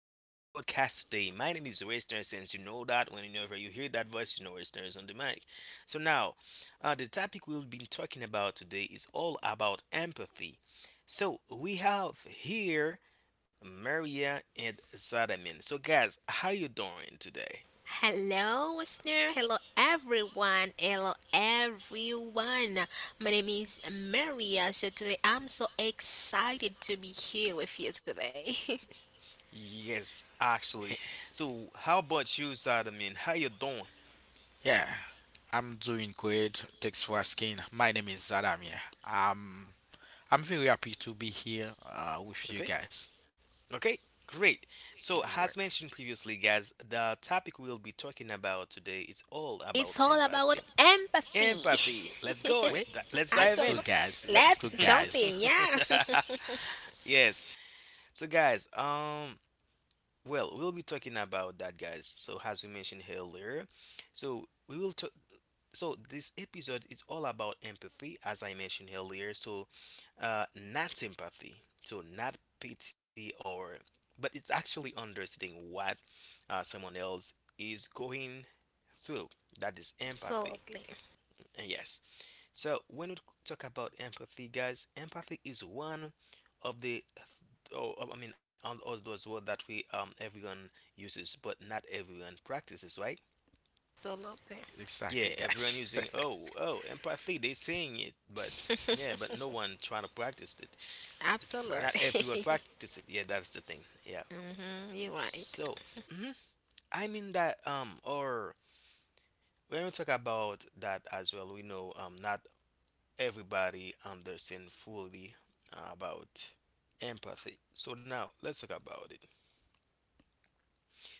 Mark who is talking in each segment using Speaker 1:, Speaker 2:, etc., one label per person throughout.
Speaker 1: to the podcast today. My name is Western. Since you know that, whenever you hear that voice, you know Western is on the mic. So, now, the topic we'll be talking about today is all about empathy. So, we have here Maria and Zadamin. So, guys, how you doing today?
Speaker 2: Hello, listener. Hello, everyone. Hello, everyone. My name is Maria. So today I'm so excited to be here with you today.
Speaker 1: Yes, actually.
Speaker 3: Hey,
Speaker 1: So, how about you, Zadamin? How you doing?
Speaker 3: yeah, I'm doing great. Thanks for asking. My name is Adam. Yeah, I'm very happy to be here with you
Speaker 1: Okay.
Speaker 3: guys.
Speaker 1: Okay, great.
Speaker 3: Yeah,
Speaker 1: So,
Speaker 3: wait,
Speaker 1: as mentioned previously, guys, the topic we'll be talking about today is all
Speaker 2: It's
Speaker 1: about
Speaker 2: all about
Speaker 1: empathy.
Speaker 2: empathy.
Speaker 1: Empathy. Let's go in.
Speaker 3: wait,
Speaker 1: Let's
Speaker 3: let's
Speaker 1: dive
Speaker 3: go,
Speaker 2: Absolutely.
Speaker 1: in.
Speaker 3: guys. Let's go,
Speaker 2: Let's jump
Speaker 3: guys.
Speaker 2: in. Yeah.
Speaker 1: Yes. So, guys, we'll be talking about that, guys. So, as we mentioned earlier, so we will talk so this episode is all about empathy, as I mentioned earlier. So, not sympathy, so not pity, or but it's actually understanding what someone else is going through. That is empathy.
Speaker 2: Absolutely.
Speaker 1: And yes. So when we talk about empathy, guys, empathy is one of the oh, I mean, all those words that we everyone uses, but not everyone practices, right?
Speaker 2: Absolutely.
Speaker 3: Exactly,
Speaker 1: Yeah,
Speaker 3: guys.
Speaker 1: everyone using empathy. They saying it, but yeah, but no one trying to practice it. Not
Speaker 3: exactly.
Speaker 1: everyone
Speaker 2: Absolutely.
Speaker 1: practice it. Yeah, that's the thing. Yeah.
Speaker 2: You're right.
Speaker 1: So mhm, I mean that or when we talk about that as well, we know not everybody understand fully about empathy. So now let's talk about it.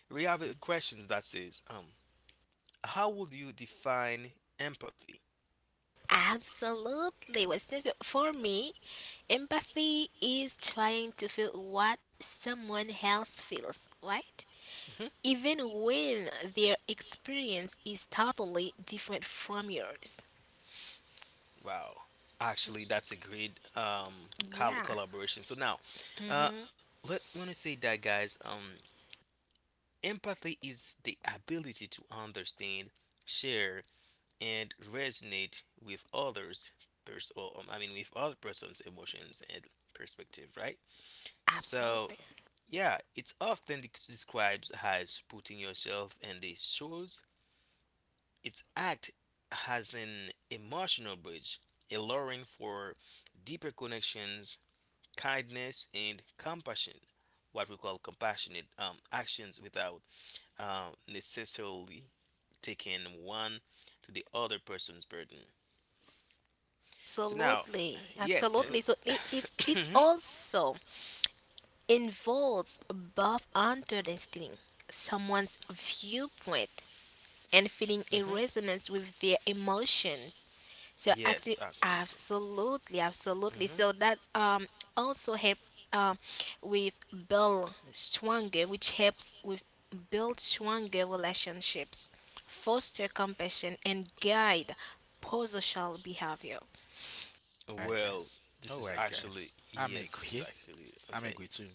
Speaker 1: We have a questions that says how would you define empathy?
Speaker 2: Absolutely. What's this for me? Empathy is trying to feel what someone else feels, right?
Speaker 1: Mm-hmm.
Speaker 2: Even when their experience is totally different from yours.
Speaker 1: Wow. Actually, that's a great
Speaker 2: Yeah,
Speaker 1: collaboration. So now, uh, let when I say that, guys, empathy is the ability to understand, share, and resonate with others. I mean, with other person's emotions and perspective, right? So
Speaker 2: absolutely.
Speaker 1: yeah, it's often described as putting yourself in the shoes. Its act has an emotional bridge, allowing for deeper connections, kindness, and compassion. What we call compassionate actions without necessarily taking one to the other person's burden. So now,
Speaker 2: Absolutely,
Speaker 1: yes,
Speaker 3: Yeah,
Speaker 1: uh,
Speaker 2: absolutely. So it
Speaker 1: Mhm.
Speaker 2: also involves both understanding someone's viewpoint and feeling a
Speaker 1: Mhm.
Speaker 2: resonance with their emotions. So
Speaker 1: Yes,
Speaker 2: active,
Speaker 1: absolutely.
Speaker 2: absolutely, absolutely.
Speaker 1: Mhm.
Speaker 2: So that's also help um with build stronger, which helps with build stronger relationships, foster compassion, and guide prosocial behavior.
Speaker 3: all right,
Speaker 1: Well,
Speaker 3: guys. All right, guys. I'm
Speaker 1: this is
Speaker 3: agree.
Speaker 1: actually
Speaker 3: I'm
Speaker 1: okay.
Speaker 3: agree too.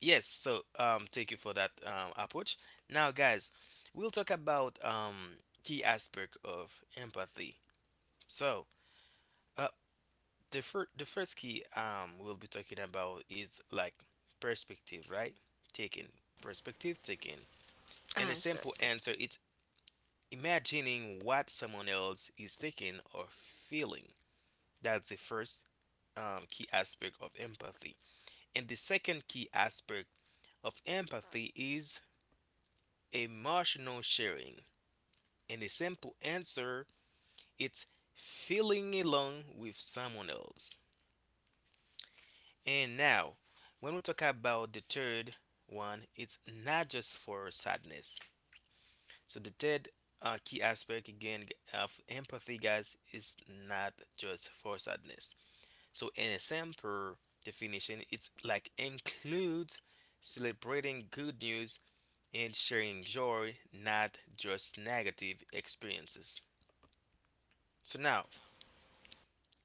Speaker 1: Yes, so thank you for that approach. Now guys, we'll talk about key aspect of empathy. So, uh the first key we'll be talking about is like perspective, right? Taking perspective taking. And
Speaker 2: I'm
Speaker 1: a
Speaker 2: so
Speaker 1: simple
Speaker 2: sorry.
Speaker 1: answer it's imagining what someone else is thinking or feeling. That's the first key aspect of empathy. And the second key aspect of empathy is emotional sharing. And a simple answer it's feeling alone with someone else. And now, when we talk about the third one, it's not just for sadness. So the third key aspect again of empathy, guys, is not just for sadness. So in a simple definition, it's like includes celebrating good news and sharing joy, not just negative experiences. So now,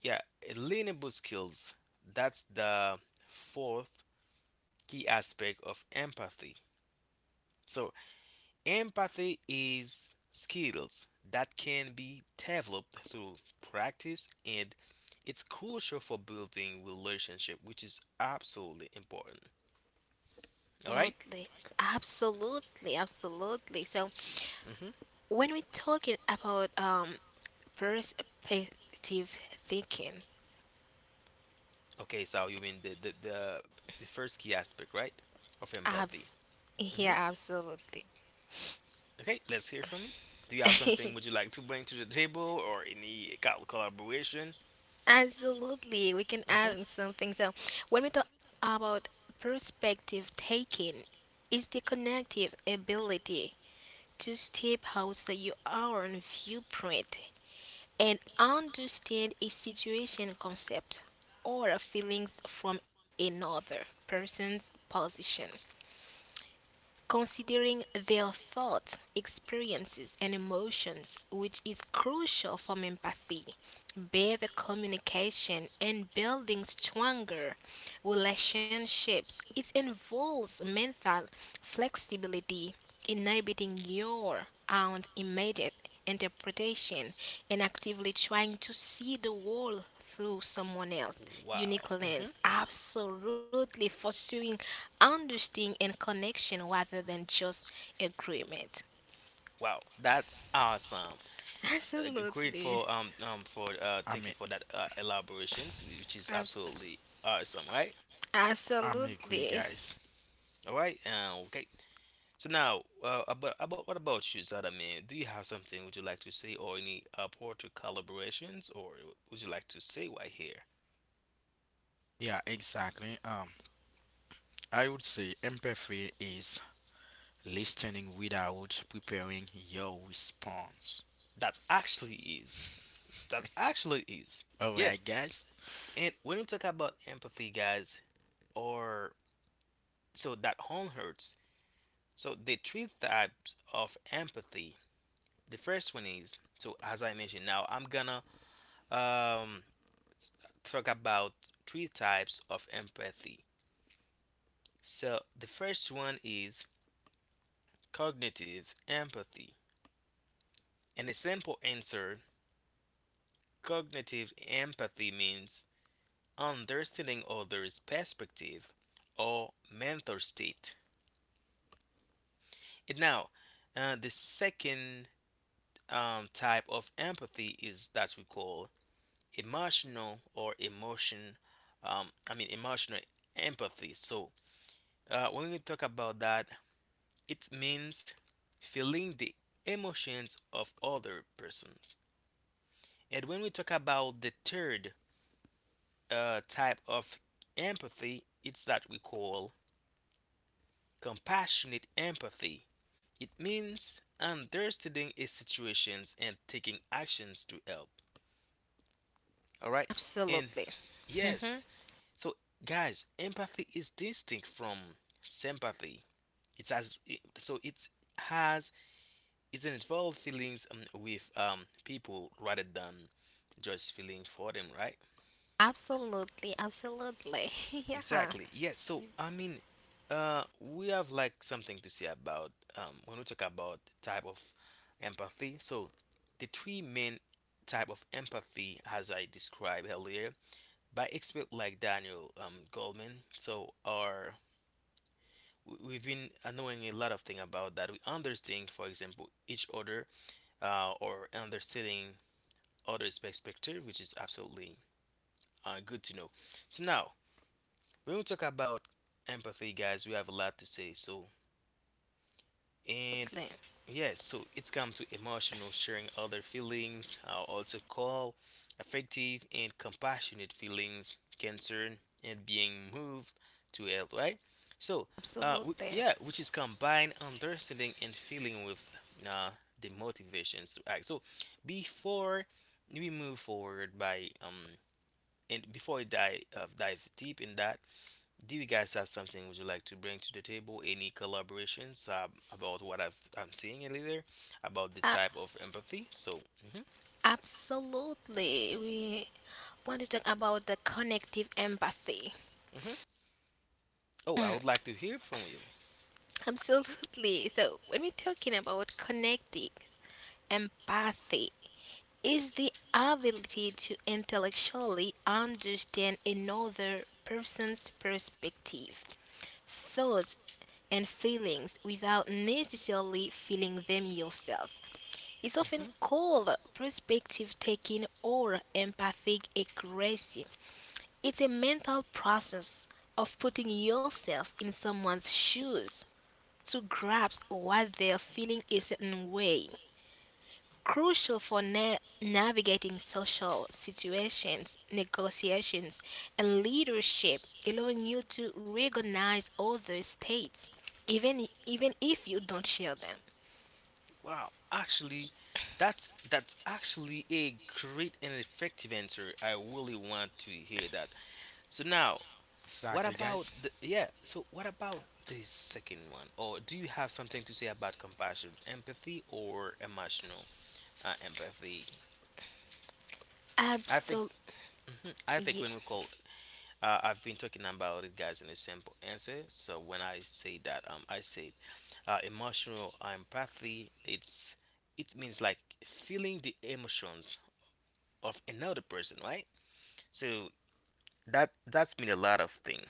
Speaker 1: yeah, learnable skills. That's the fourth key aspect of empathy. So empathy is skills that can be developed through practice and it's crucial for building relationship, which is absolutely important, all right?
Speaker 2: Absolutely, absolutely, absolutely. So
Speaker 1: Mm-hmm.
Speaker 2: when we're talking about perspective thinking,
Speaker 1: Okay, so you mean the first key aspect, right, of empathy.
Speaker 2: Abs yeah,
Speaker 1: Mm-hmm.
Speaker 2: absolutely.
Speaker 1: Okay, let's hear from you. Do you have something would you like to bring to the table or any collaboration?
Speaker 2: Absolutely. We can
Speaker 1: Hmm.
Speaker 2: add in something. So when we talk about perspective taking, it's the connective ability to step outside your own viewpoint and understand a situation concept or feelings from another person's position, considering their thoughts, experiences, and emotions, which is crucial for empathy, better communication, and building stronger relationships. It involves mental flexibility, inhibiting your own immediate interpretation and actively trying to see the world through someone else's
Speaker 1: Wow.
Speaker 2: unique
Speaker 1: Hmm.
Speaker 2: lens, absolutely fostering understanding and connection rather than just agreement.
Speaker 1: Wow, that's awesome. Great
Speaker 2: Absolutely.
Speaker 1: for
Speaker 3: I'm
Speaker 1: thank you
Speaker 3: a,
Speaker 1: for that elaborations, which is
Speaker 2: As-
Speaker 1: absolutely awesome, right?
Speaker 3: I'm agree,
Speaker 2: Absolutely.
Speaker 3: guys.
Speaker 1: All right. Okay. So now, about what about you, Zadamin? Do you have something would you like to say, or any poetry collaborations, or would you like to say why here?
Speaker 3: Yeah, exactly. I would say empathy is listening without preparing your response.
Speaker 1: That actually is. That actually is.
Speaker 3: Alright,
Speaker 1: Yes.
Speaker 3: guys.
Speaker 1: And when you talk about empathy, guys, or so that home hurts. So the three types of empathy. The first one is so as I mentioned. Now I'm gonna um talk about three types of empathy. So the first one is cognitive empathy. In a simple answer, cognitive empathy means understanding others' perspective or mental state. And now, the second type of empathy is that we call emotional or emotion. I mean, emotional empathy. So, when we talk about that, it means feeling the emotions of other persons. And when we talk about the third type of empathy, it's that we call compassionate empathy. It means understanding a situations and taking actions to help. All right? And
Speaker 2: Absolutely.
Speaker 1: yes,
Speaker 2: Mhm.
Speaker 1: so guys, empathy is distinct from sympathy. It has it has, it involved feelings with people rather than just feeling for them, right?
Speaker 2: Absolutely, absolutely. Yeah,
Speaker 1: Exactly. Yes. So I mean, we have like something to say about when we talk about type of empathy. So the three main type of empathy, as I described earlier, by expert like Daniel Goldman. So are we- we've been knowing a lot of thing about that. We understand, for example, each other, or understanding others' perspective, which is absolutely good to know. So now. When we talk about empathy, guys, we have a lot to say. So, and yes, so it's come to emotional sharing other feelings, are also called affective and compassionate feelings, concern, and being moved to help, right? So,
Speaker 2: absolutely,
Speaker 1: yeah, which is combined understanding and feeling with uh, the motivations to act. So, before we move forward by and before I dive deep in that, do you guys have something would you like to bring to the table? Any collaborations about what I'm seeing earlier about the
Speaker 2: absolutely.
Speaker 1: type of empathy?
Speaker 2: Absolutely. We want to talk about the connective empathy.
Speaker 1: Mhm. Oh,
Speaker 2: Mm.
Speaker 1: I would like to hear from you.
Speaker 2: Absolutely. So when we're talking about connecting empathy, is the ability to intellectually understand another person's perspective, thoughts, and feelings without necessarily feeling them yourself. It's often
Speaker 1: Hmm.
Speaker 2: called perspective taking or empathic accuracy. It's a mental process of putting yourself in someone's shoes to grasp why they're feeling a certain way. Crucial for navigating social situations, negotiations, and leadership, allowing you to recognize other states, even if you don't share them.
Speaker 1: Wow, actually, that's actually a great and effective answer. I really want to hear that. So now, what
Speaker 3: Exactly,
Speaker 1: about
Speaker 3: guys.
Speaker 1: the, what about this second one? Or do you have something to say about compassion, empathy, or emotional empathy? I think
Speaker 2: Absolutely.
Speaker 1: mhm, I think
Speaker 2: Yeah.
Speaker 1: when we call, I've been talking about it, guys, in a simple answer. So when I say that, I said emotional empathy. It's it means like feeling the emotions of another person, right? So that that's mean a lot of thing.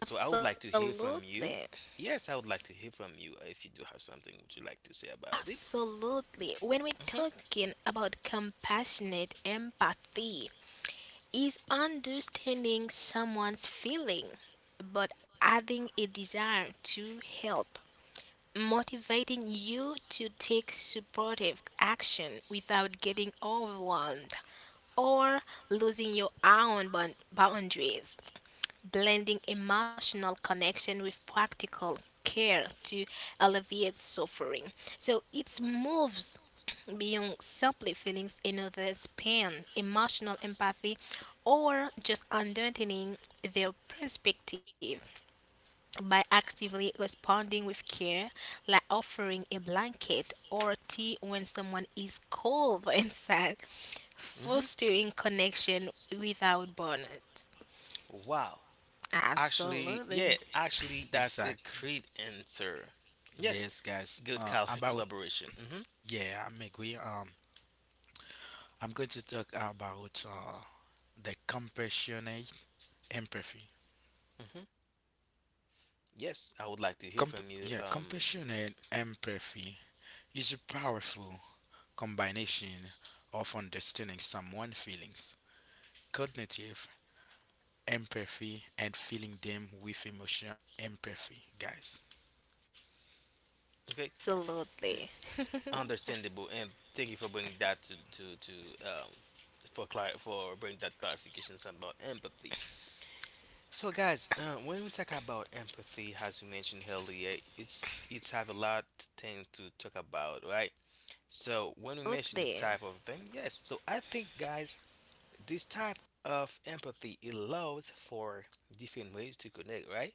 Speaker 1: So I would like to hear from
Speaker 2: Absolutely.
Speaker 1: you. Yes, I would like to hear from you if you do have something would you like to say about it.
Speaker 2: Absolutely. When we're
Speaker 1: Hmm.
Speaker 2: talking about compassionate empathy, is understanding someone's feeling, but adding a desire to help, motivating you to take supportive action without getting overwhelmed or losing your own boundaries, blending emotional connection with practical care to alleviate suffering. So it moves beyond simply feelings in others' pain, emotional empathy, or just understanding their perspective by actively responding with care, like offering a blanket or tea when someone is cold and sad,
Speaker 1: Hmm.
Speaker 2: fostering connection without burnout.
Speaker 1: Wow. Actually,
Speaker 2: Absolutely.
Speaker 1: yeah, actually that's a
Speaker 3: Exactly.
Speaker 1: great answer. Yes,
Speaker 3: Yes, guys.
Speaker 1: good collaboration. Hmm.
Speaker 3: I'm agree. I'm going to talk about the compassionate empathy.
Speaker 1: Hmm. Yes, I would like to hear from you.
Speaker 3: Compassionate empathy is a powerful combination of understanding someone's feelings, cognitive empathy, and feeling them with emotional empathy, guys.
Speaker 1: Okay, N-
Speaker 2: Absolutely.
Speaker 1: understandable, and thank you for bringing that to um for for bringing that clarifications about empathy. So guys, when we talk about empathy, as we mentioned earlier, it's have a lot thing to talk about, right? So when we mention the
Speaker 2: Absolutely.
Speaker 1: type of them, yes. So I think guys, this type of empathy allows for different ways to connect, right?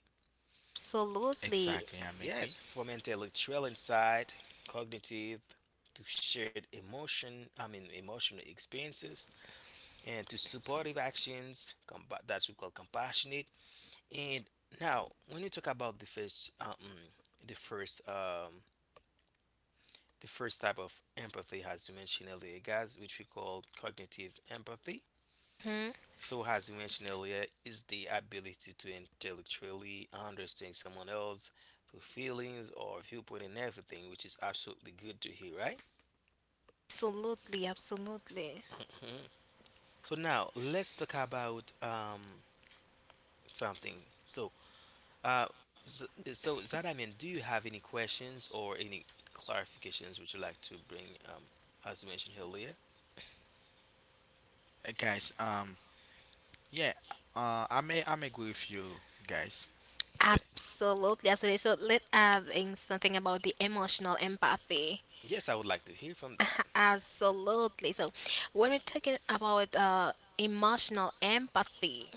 Speaker 2: Absolutely.
Speaker 3: Exactly, I'm agree.
Speaker 1: Yes, from intellectual insight, cognitive, to shared emotion, I mean emotional experiences, and to supportive actions, that's we call compassionate. And now, when you talk about the first, um, the first type of empathy, as you mentioned earlier, guys, which we call cognitive empathy.
Speaker 2: Mhm.
Speaker 1: So, as we mentioned earlier, is the ability to intellectually understand someone else through feelings or viewpoint and everything, which is absolutely good to hear, right?
Speaker 2: Absolutely. Absolutely.
Speaker 1: So now let's talk about something. Uh, so, so, Zadamin, do you have any questions or any clarifications which you would like to bring, as you mentioned earlier?
Speaker 3: Guys, yeah, I'm agree with you guys.
Speaker 1: Okay.
Speaker 2: Absolutely. Absolutely. So let's add in something about the emotional empathy.
Speaker 1: Yes, I would like to hear from that.
Speaker 2: Absolutely. So when we're talking about emotional empathy,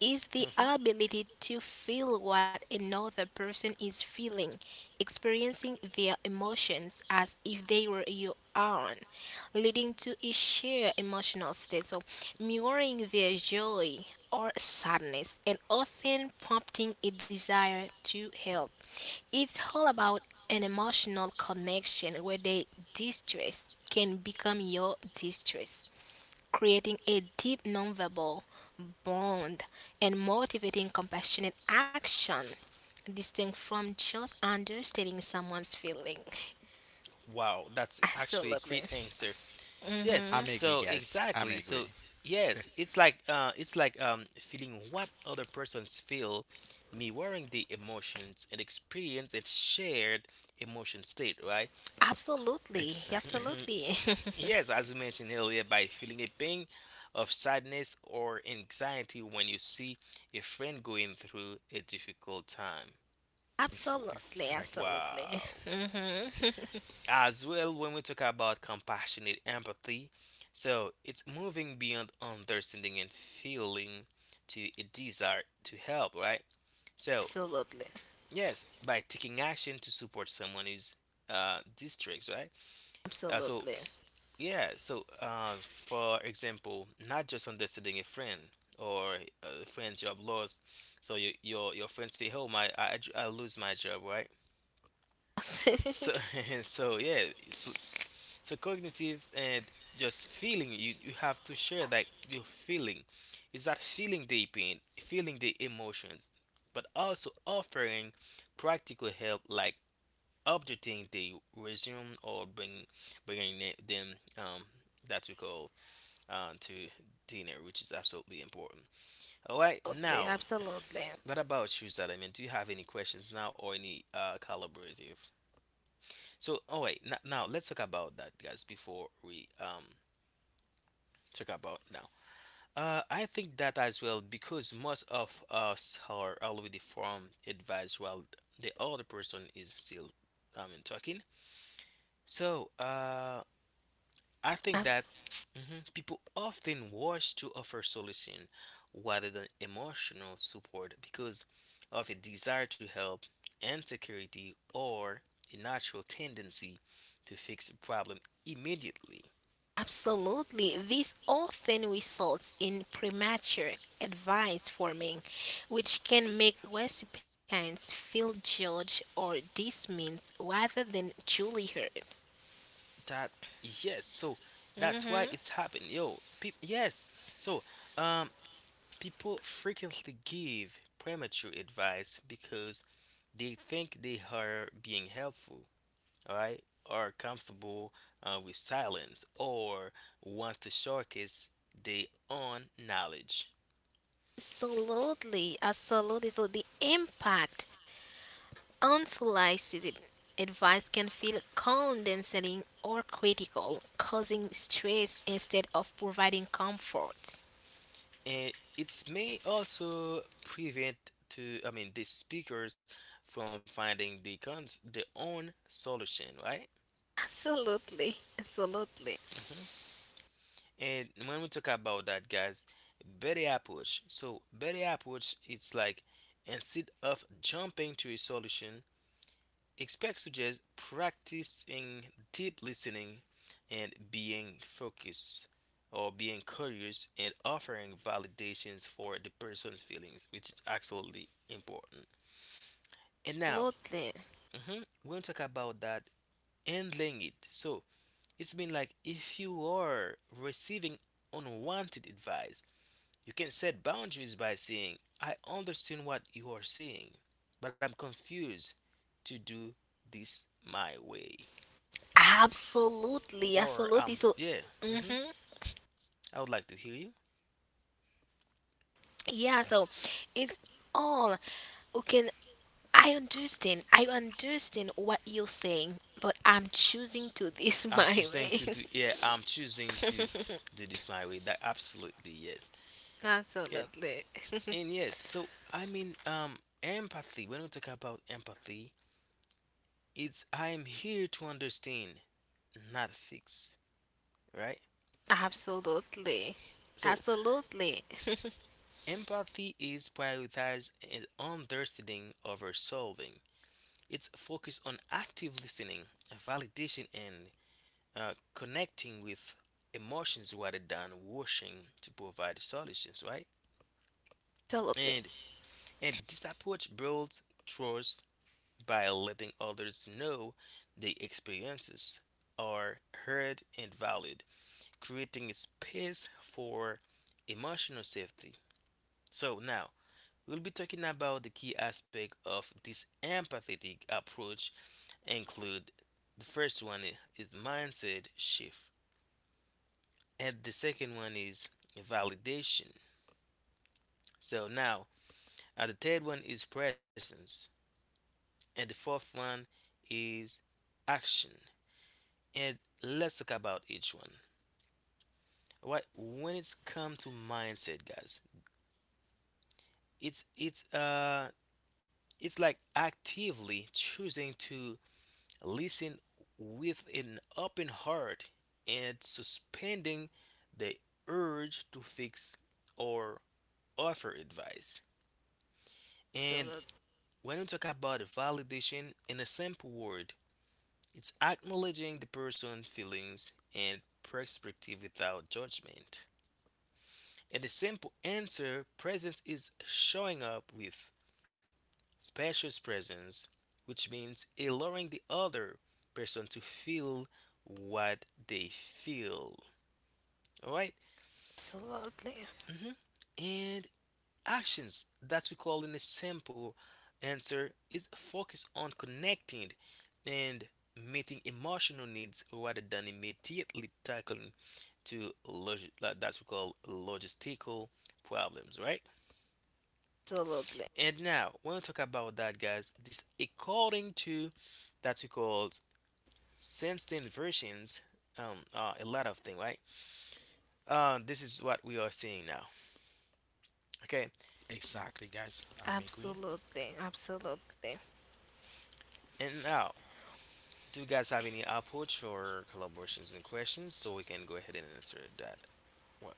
Speaker 2: is the
Speaker 1: Hmm.
Speaker 2: ability to feel what another person is feeling, experiencing their emotions as if they were your own, leading to a shared emotional state. So mirroring their joy or sadness and often prompting a desire to help. It's all about an emotional connection where their distress can become your distress, creating a deep nonverbal bond and motivating compassionate action, distinct from just understanding someone's feeling.
Speaker 1: Wow, that's actually a
Speaker 2: Absolutely.
Speaker 1: great answer. Yes,
Speaker 3: I'm
Speaker 2: hmm
Speaker 3: agree,
Speaker 1: so
Speaker 3: guys. I'm
Speaker 1: exactly.
Speaker 3: agree.
Speaker 1: So yes, it's like feeling what other persons feel, mirroring the emotions and experience and shared emotion state, right?
Speaker 2: Absolutely.
Speaker 3: exactly.
Speaker 2: Absolutely.
Speaker 1: Yes, as we mentioned earlier, by feeling a pang of sadness or anxiety when you see a friend going through a difficult time.
Speaker 2: Absolutely.
Speaker 3: Exactly.
Speaker 2: Absolutely.
Speaker 1: Wow.
Speaker 2: hmm
Speaker 1: As well, when we talk about compassionate empathy, so it's moving beyond understanding and feeling to a desire to help, right? So,
Speaker 2: Absolutely.
Speaker 1: yes, by taking action to support someone who's districts, right? Uh, so
Speaker 2: Absolutely.
Speaker 1: Yeah, so for example, not just understanding a friend or a friend's job loss. So you, your friend say, "Oh my, I lose my job," right? So so yeah, it's, so cognitives and just feeling, you have to share like your feeling. Is that feeling the pain, feeling the emotions, but also offering practical help like updating the resume or bringing them that we call to dinner, which is absolutely important. All right, now
Speaker 2: Absolutely.
Speaker 1: what about you, Salim? Do you have any questions now or any collaborative? So, all right, now let's talk about that, guys. Before we talk about now, I think that as well because most of us are already from advice while the other person is still talking. So, uh, I think that
Speaker 2: Absolutely.
Speaker 1: mhm, people often rush to offer solution rather than emotional support because of a desire to help, insecurity, or a natural tendency to fix a problem immediately.
Speaker 2: Absolutely. This often results in premature advice forming, which can make recipients feel judged or dismissed rather than truly heard.
Speaker 1: That yes, so
Speaker 2: Mhm.
Speaker 1: that's why it's happened, yo. So um, People frequently give premature advice because they think they are being helpful, all right, are comfortable with silence or want to showcase their own knowledge.
Speaker 2: Absolutely. Absolutely. So the impact, unsolicited advice can feel condescending or critical, causing stress instead of providing comfort.
Speaker 1: And it may also prevent to I mean the speakers from finding their own solution, right?
Speaker 2: Absolutely. Absolutely.
Speaker 1: Hmm. And when we talk about that, guys, better approach. So better approach, it's like instead of jumping to a solution, Expect suggests practicing deep listening and being focused or being curious and offering validations for the person's feelings, which is absolutely important. And now,
Speaker 2: Absolutely.
Speaker 1: mhm, we'll talk about that handling it. So it's been like if you are receiving unwanted advice, you can set boundaries by saying, I understand what you are saying, but I'm confused to do this my way.
Speaker 2: Absolutely,
Speaker 1: Or
Speaker 2: absolutely. So,
Speaker 1: yeah, absolutely. Hmm.
Speaker 2: hmm
Speaker 1: I would like to hear you.
Speaker 2: yeah, so it's all okay. I understand, I
Speaker 1: I
Speaker 2: understand what you're saying, but I'm choosing to this
Speaker 1: am
Speaker 2: my
Speaker 1: choosing
Speaker 2: way.
Speaker 1: to do, yeah, I'm choosing to do this my way. That absolutely yes. And
Speaker 2: Absolutely,
Speaker 1: and yes, so I mean empathy, when we talk about empathy, it's I am here to understand, not fix, right?
Speaker 2: absolutely,
Speaker 1: So
Speaker 2: absolutely,
Speaker 1: empathy is prioritize and understanding over solving. It's focused on active listening, validation, and connecting with emotions rather than rushing to provide solutions, right?
Speaker 2: absolutely, absolutely,
Speaker 1: And and this approach builds trust by letting others know their experiences are heard and valued, creating a space for emotional safety. So now we'll be talking about the key aspect of this empathetic approach include the first one is mindset shift, and the second one is validation. So now, the third one is presence, and the fourth one is action. And let's talk about each one. All right, when it's come to mindset, guys, it's it's uh it's like actively choosing to listen with an open heart and suspending the urge to fix or offer advice. And when we talk about validation in a simple word, it's acknowledging the person's feelings and perspective without judgment. And the simple answer presence is showing up with spacious presence, which means allowing the other person to feel what they feel. All right, and actions that we call in a simple answer is focus on connecting and meeting emotional needs rather than immediately tackling like that's we call logistical problems, right?
Speaker 2: absolutely,
Speaker 1: And now when we talk about that, guys, this according to that we call Since then, versions a lot of things, right? This is what we are seeing now. Okay,
Speaker 3: Exactly, guys. I'm agree.
Speaker 2: absolutely, absolutely, absolutely.
Speaker 1: and now, do you guys have any outputs or collaborations and questions so we can go ahead and answer that? Well,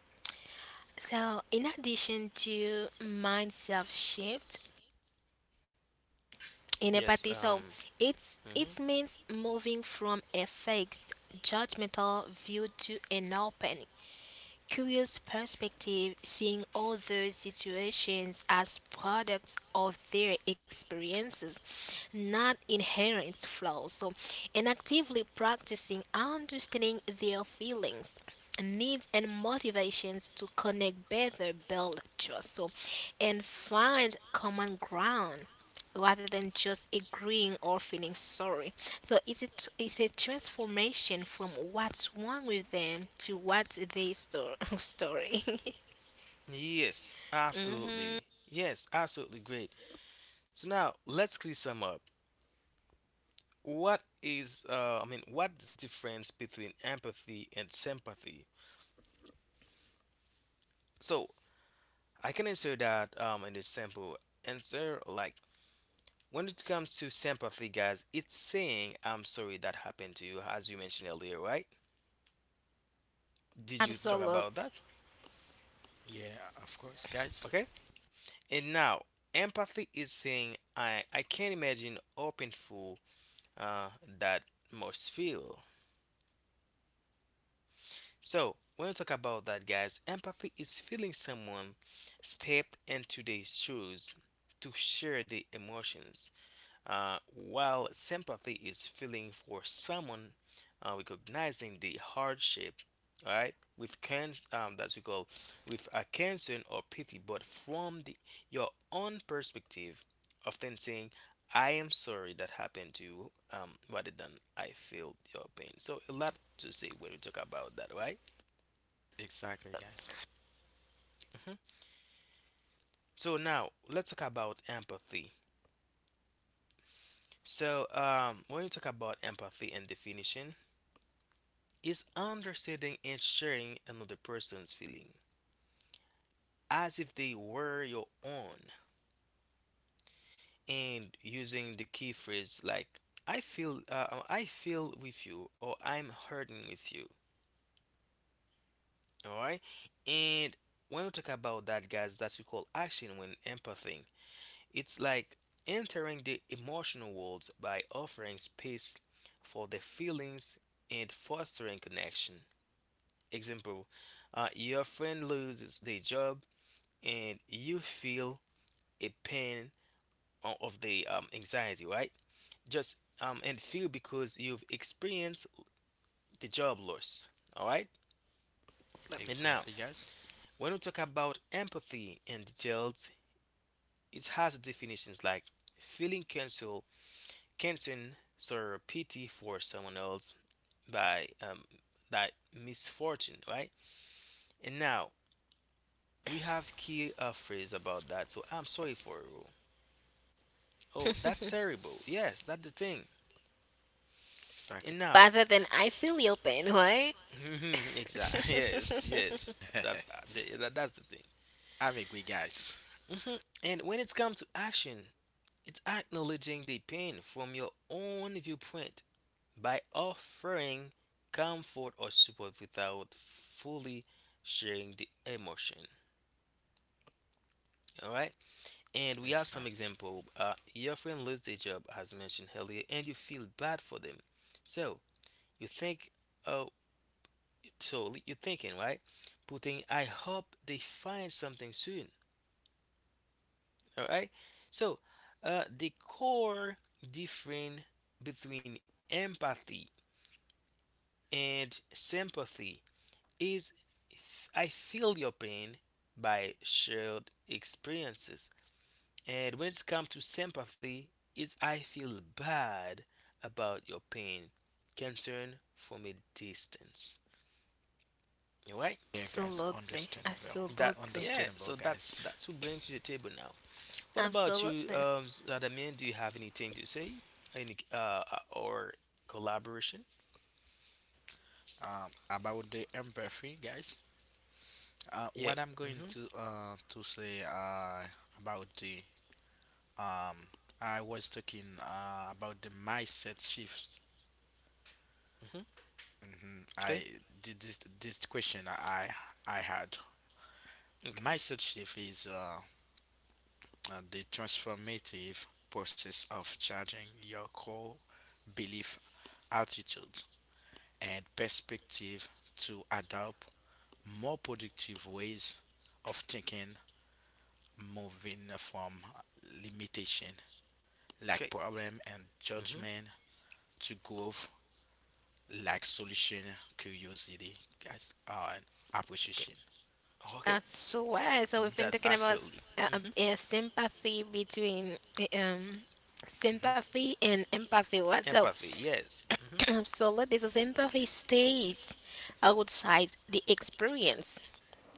Speaker 2: So, in addition to mindset shift, in
Speaker 1: yes.
Speaker 2: empathy. So it's
Speaker 1: Mhm.
Speaker 2: it means moving from a fixed judgmental view to an open, curious perspective, seeing other situations as products of their experiences, not inherent flaws. So, and actively practicing understanding their feelings, needs and motivations to connect better, build trust, so and find common ground rather than just agreeing or feeling sorry. So it's a, it's a transformation from what's wrong with them to what's their story.
Speaker 1: Yes,
Speaker 2: mm,
Speaker 1: absolutely. Yes, absolutely great. So now let's clear some up. What is I mean, what's the difference between empathy and sympathy? So I can answer that in this simple answer like, when it comes to sympathy, guys, it's saying I'm sorry that happened to you, as you mentioned earlier, right? Did you
Speaker 3: Mhm.
Speaker 1: talk
Speaker 2: absolute.
Speaker 1: about that?
Speaker 3: Yeah, of course, guys.
Speaker 1: Okay. And now, empathy is saying I can't imagine how painful uh, that must feel. So when we talk about that, guys, empathy is feeling someone stepped into their shoes to share the emotions. While sympathy is feeling for someone, recognizing the hardship, all right, with can that's we call with a concern or pity, but from the your own perspective, often saying, "I am sorry that happened to you," rather than "I feel your pain." So a lot to say when we talk about that, right?
Speaker 3: Exactly, guys.
Speaker 1: Hmm. So now let's talk about empathy. So when you talk about empathy and definition, is understanding and sharing another person's feeling as if they were your own and using the key phrase like I feel with you or I'm hurting with you, all right. And when we talk about that, guys, that we call action when empathy, it's like entering the emotional world by offering space for the feelings and fostering connection. Example, your friend loses their job and you feel a pain of the anxiety, right? Just and feel because you've experienced the job loss, all right? And now,
Speaker 3: Exactly, guys.
Speaker 1: when we talk about empathy in details, it has definitions like feeling cancel, canceling, sorrow, pity for someone else by that misfortune, right? And now we have key phrase about that. So I'm sorry for you. Oh, that's terrible. Yes, that's the thing.
Speaker 3: Exactly.
Speaker 1: And now,
Speaker 2: Rather than I feel your pain, right?
Speaker 1: exactly. Yes, yes. That's that- that's the thing.
Speaker 3: I'm agree, guys.
Speaker 1: Mhm. And when it's come to action, it's acknowledging the pain from your own viewpoint by offering comfort or support without fully sharing the emotion. All right. And we have some
Speaker 3: Exactly.
Speaker 1: example. Your friend lost their job, as mentioned earlier, and you feel bad for them. So you think, oh, you're thinking, right? Putting, I hope they find something soon. All right. So the core difference between empathy and sympathy is I feel your pain by shared experiences. And when it's come to sympathy, it's I feel bad about your pain, concern from a distance. All right.
Speaker 3: Yeah, guys.
Speaker 2: Absolutely,
Speaker 3: Understandable.
Speaker 1: That
Speaker 2: absolutely,
Speaker 1: yeah.
Speaker 3: Understandable,
Speaker 1: So that's
Speaker 3: guys.
Speaker 1: that's what we bring to the table now. What about you,
Speaker 2: absolutely.
Speaker 1: Zadamin? Do you have anything to say? Any or collaboration?
Speaker 3: About the empathy, guys. Uh,
Speaker 1: Yeah.
Speaker 3: what I'm going
Speaker 1: Mm-hmm.
Speaker 3: to say about the um I was talking about the mindset shift.
Speaker 1: Mm-hmm.
Speaker 3: Hmm. I
Speaker 1: Okay.
Speaker 3: did this question I had.
Speaker 1: Okay.
Speaker 3: Mindset shift is the transformative process of changing your core belief, attitude, and perspective to adopt more productive ways of thinking, moving from limitation like
Speaker 1: Okay.
Speaker 3: problem and
Speaker 1: Mm-hmm.
Speaker 3: judgment to growth like solution, curiosity, guys, and
Speaker 1: Okay.
Speaker 3: appreciation.
Speaker 1: Okay.
Speaker 2: That's so why. So we've been
Speaker 1: That's
Speaker 2: talking about
Speaker 1: absolutely. Mm-hmm.
Speaker 2: sympathy between
Speaker 3: Hmm.
Speaker 2: sympathy and empathy. What so.
Speaker 1: Empathy, yes. Hmm.
Speaker 2: Absolutely. So empathy stays outside the experience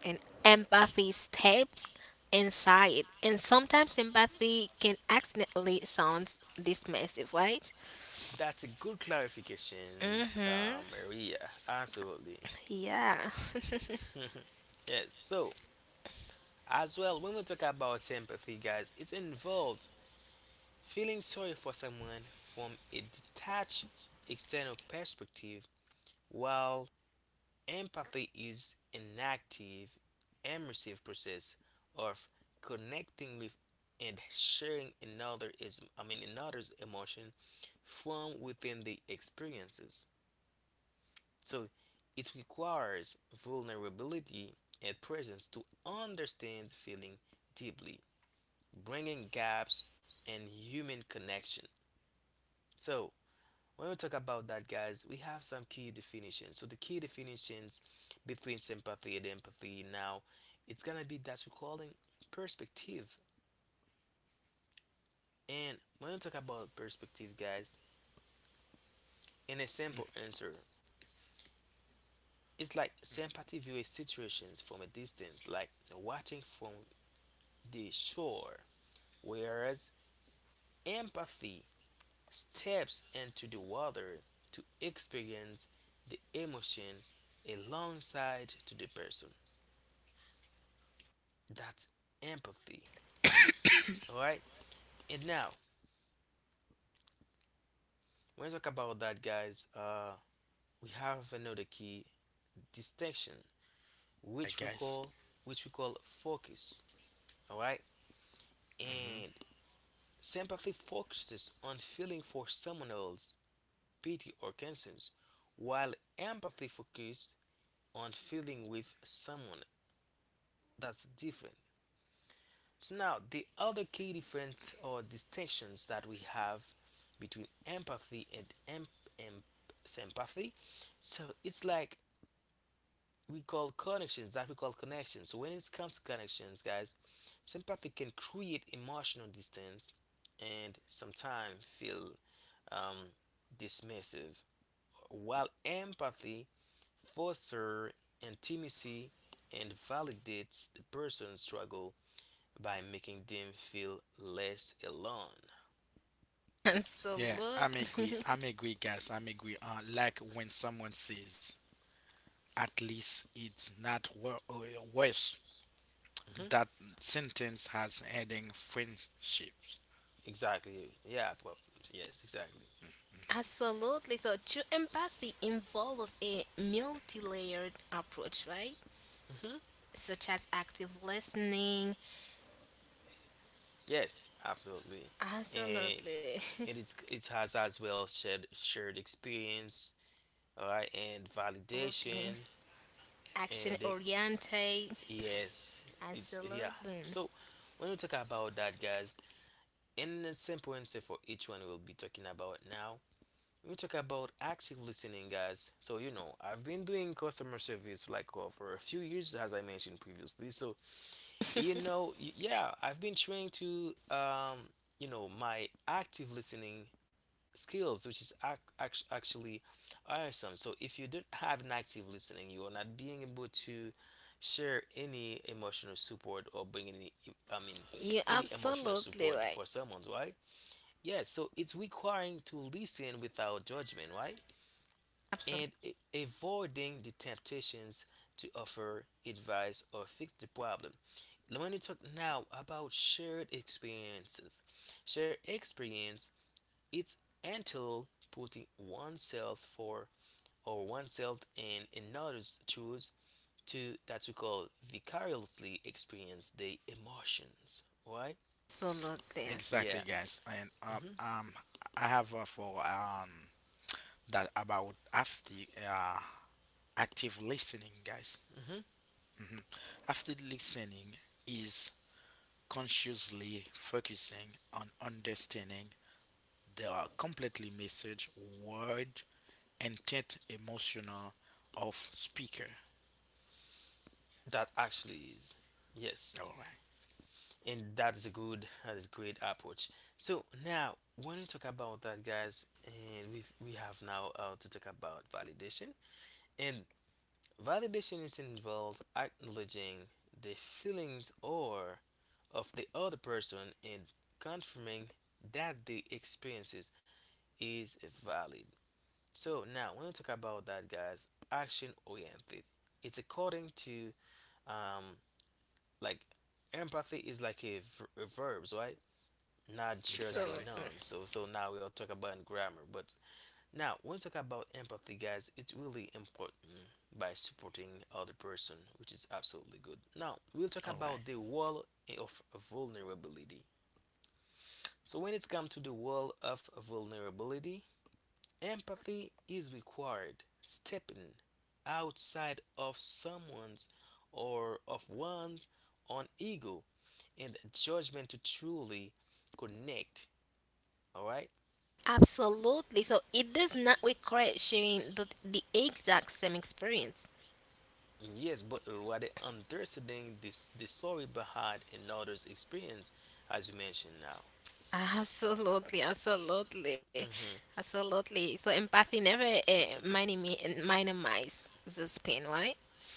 Speaker 2: and empathy steps inside. And sometimes empathy can accidentally sound dismissive, right?
Speaker 1: That's a good clarification,
Speaker 2: Mm-hmm.
Speaker 1: Maria. Absolutely.
Speaker 2: Yeah.
Speaker 1: Yes. So, as well, when we talk about sympathy, guys, it involves feeling sorry for someone from a detached external perspective, while empathy is an active, immersive process of connecting with and sharing another is I mean another's emotion from within the experiences. So it requires vulnerability and presence to understand feeling deeply, bringing gaps and human connection. So when we talk about that, guys, we have some key definitions. So the key definitions between sympathy and empathy now, it's gonna be that we're calling perspective. And when we talk about perspective, guys, in a simple answer, it's like sympathy views situations from a distance, like watching from the shore, whereas empathy steps into the water to experience the emotion alongside to the person. That's empathy. All right. And now, when we talk about that, guys, we have another key distinction,
Speaker 3: Like
Speaker 1: which we
Speaker 3: guys.
Speaker 1: call which we call focus. All right. And
Speaker 3: Hmm.
Speaker 1: sympathy focuses on feeling for someone else, pity or concerns, while empathy focuses on feeling with someone. That's different. So now the other key difference or distinctions that we have between empathy and em- sympathy. So it's like we call connections. So when it comes to connections, guys, sympathy can create emotional distance and sometimes feel um, dismissive, while empathy fosters intimacy and validates the person's struggle by making them feel less alone.
Speaker 3: Yeah, I'm agree.
Speaker 2: Absolutely.
Speaker 3: I'm agree, guys. I'm agree. Like when someone says, "At least it's not worse."
Speaker 1: Hmm.
Speaker 3: That sentence has heading friendships.
Speaker 1: Exactly. Yeah. prob- Yes. Exactly.
Speaker 2: Absolutely. So true empathy involves a multi-layered approach, right?
Speaker 1: Hmm.
Speaker 2: Such as active listening.
Speaker 1: Yes. Absolutely. And
Speaker 2: Absolutely.
Speaker 1: and it's it has as well shared experience. All right. And
Speaker 2: Absolutely.
Speaker 1: validation. And
Speaker 2: Action
Speaker 1: then,
Speaker 2: oriented.
Speaker 1: yes. It's yeah.
Speaker 2: Absolutely.
Speaker 1: So when we talk about that, guys, in a simple answer for each one we'll be talking about now, we talk about active listening, guys. So, you know, I've been doing customer service like for a few years, as I mentioned previously. So, you know, yeah, I've been trying to, you know, my active listening skills, which is actually awesome. So, if you don't have an active listening, you are not being able to share any emotional support or bring any, I mean,
Speaker 2: You
Speaker 1: any emotional
Speaker 2: absolutely
Speaker 1: support
Speaker 2: right.
Speaker 1: for someone, right? Yes, so it's requiring to listen without judgment, right?
Speaker 2: Absolutely.
Speaker 1: And avoiding the temptations to offer advice or fix the problem. Let me talk now about shared experiences, shared experience it's until putting oneself for or oneself in another's shoes to that we call vicariously experience the emotions, right?
Speaker 2: Absolutely. Yes.
Speaker 1: Yeah,
Speaker 3: Exactly, guys. And
Speaker 1: hmm.
Speaker 3: I have for that about after uh active listening, guys.
Speaker 1: Hmm.
Speaker 3: Hmm. After listening is consciously focusing on understanding the completely message, word, intent, emotional of speaker.
Speaker 1: That actually is yes.
Speaker 3: All right,
Speaker 1: And that is a good, that is great approach. So now when we talk about that, guys, and we have now to talk about validation. And validation is involved acknowledging the feelings or of the other person and confirming that the experiences is valid. So now when we talk about that, guys, action oriented, it's according to um like empathy is like a, a verbs, right? Not sure say
Speaker 3: exactly.
Speaker 2: Absolutely.
Speaker 1: none so so now we'll talk about grammar but now when we talk about empathy, guys, it's really important by supporting other person, which is absolutely good. Now we'll talk
Speaker 3: All right,
Speaker 1: about the wall of vulnerability. So when it's come to the wall of vulnerability, empathy is required stepping outside of someone's or of one's own ego and judgment to truly connect, all right.
Speaker 2: Absolutely. So it does not require sharing the exact same experience.
Speaker 1: Yes, but rather understanding this the story behind another's experience, as you mentioned now.
Speaker 2: Absolutely. Absolutely.
Speaker 1: hmm
Speaker 2: Absolutely. So empathy never minimize this pain, right?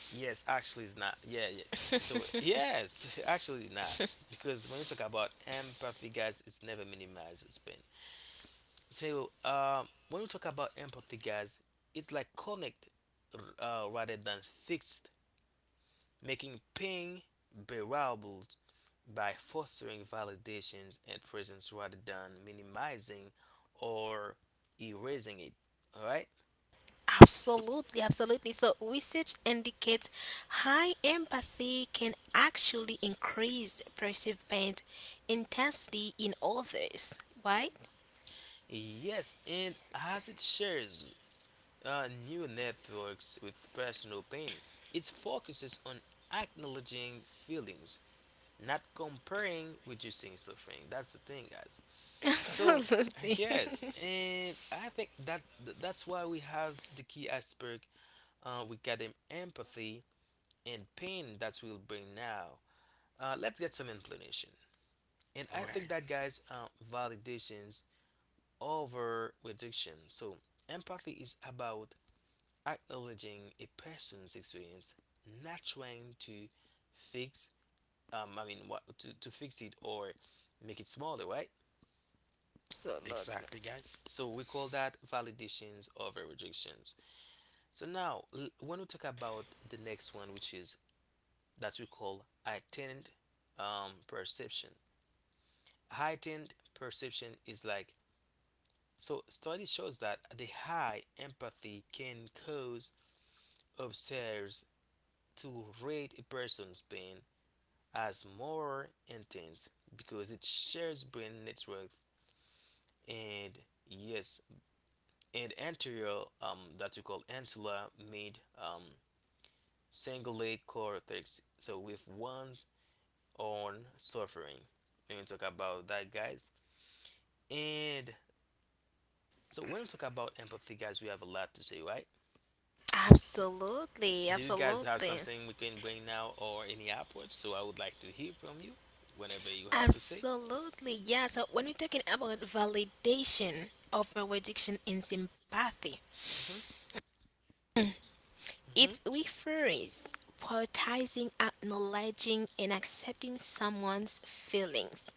Speaker 1: Yes, actually, it's not. Yeah, yes. So yes, actually not, because when you talk about empathy, guys, it's never minimized. It's been so. When we talk about empathy, guys, it's like connect, rather than fixed, making pain bearable by fostering validations and presence rather than minimizing or erasing it. All right.
Speaker 2: Absolutely, absolutely. So, research indicates high empathy can actually increase perceived pain intensity in others, right?
Speaker 1: Yes, and as it shares new networks with personal pain, it focuses on acknowledging feelings, not comparing, reducing suffering. That's the thing, guys. So
Speaker 2: Absolutely.
Speaker 1: yes, and I think that that's why we have the key aspect. We got empathy and pain that we will bring now. Let's get some explanation. And I
Speaker 3: all
Speaker 1: think
Speaker 3: right,
Speaker 1: that, guys, validations over reduction. So, empathy is about acknowledging a person's experience, not trying to fix, I mean, what to fix it or make it smaller, right?
Speaker 2: Absolutely.
Speaker 3: exactly, guys.
Speaker 1: So, we call that validations over rejections. So now, when we talk about the next one, which is that we call heightened perception. Heightened perception is like, so study shows that the high empathy can cause observers to rate a person's pain as more intense because it shares brain network, and yes, and anterior that we call ansular mid cingulate cortex, so with one's own suffering when we talk about that, guys. And so when we talk about empathy, guys, we have a lot to say, right?
Speaker 2: Absolutely,
Speaker 1: Do you guys have
Speaker 2: absolutely.
Speaker 1: something we can bring now or any upwards? So I would like to hear from you whenever you have to say.
Speaker 2: Absolutely, yeah. So when we're talking about validation of our addiction in sympathy,
Speaker 1: hmm hmm
Speaker 2: it refers prioritizing, acknowledging, and accepting someone's feelings,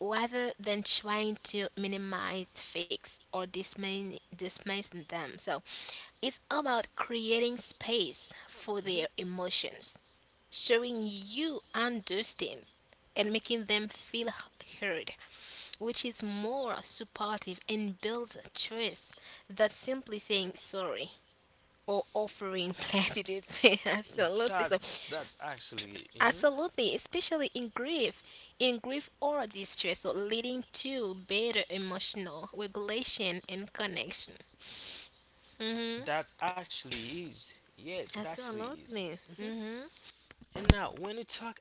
Speaker 2: rather than trying to minimize, fix, or dismiss them. So it's about creating space for
Speaker 1: hmm
Speaker 2: their emotions, showing you understand, and making them feel heard, which is more supportive and builds trust than simply saying sorry or offering platitudes. Absolutely. So
Speaker 1: That's actually mhm.
Speaker 2: absolutely, especially in grief or distress, so leading to better emotional regulation and connection. Mm-hmm.
Speaker 1: That actually is, yes, it actually is.
Speaker 2: Absolutely.
Speaker 1: hmm
Speaker 2: Mm-hmm.
Speaker 1: And now when you talk,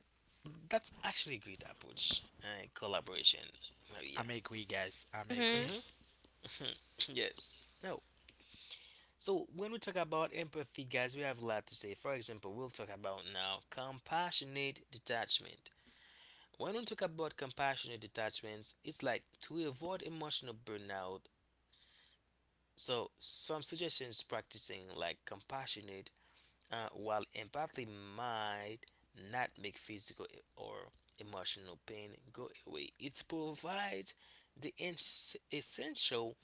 Speaker 1: that's actually a great approach. Collaboration, Maria.
Speaker 3: I'm agree, guys. I'm
Speaker 2: Mm-hmm.
Speaker 3: agree.
Speaker 1: hmm yes. No, so when we talk about empathy, guys, we have a lot to say. For example, we'll talk about now compassionate detachment. When we talk about compassionate detachments, it's like to avoid emotional burnout. So some suggestions practicing like compassionate, while empathy might not make physical or emotional pain go away. It provides the essential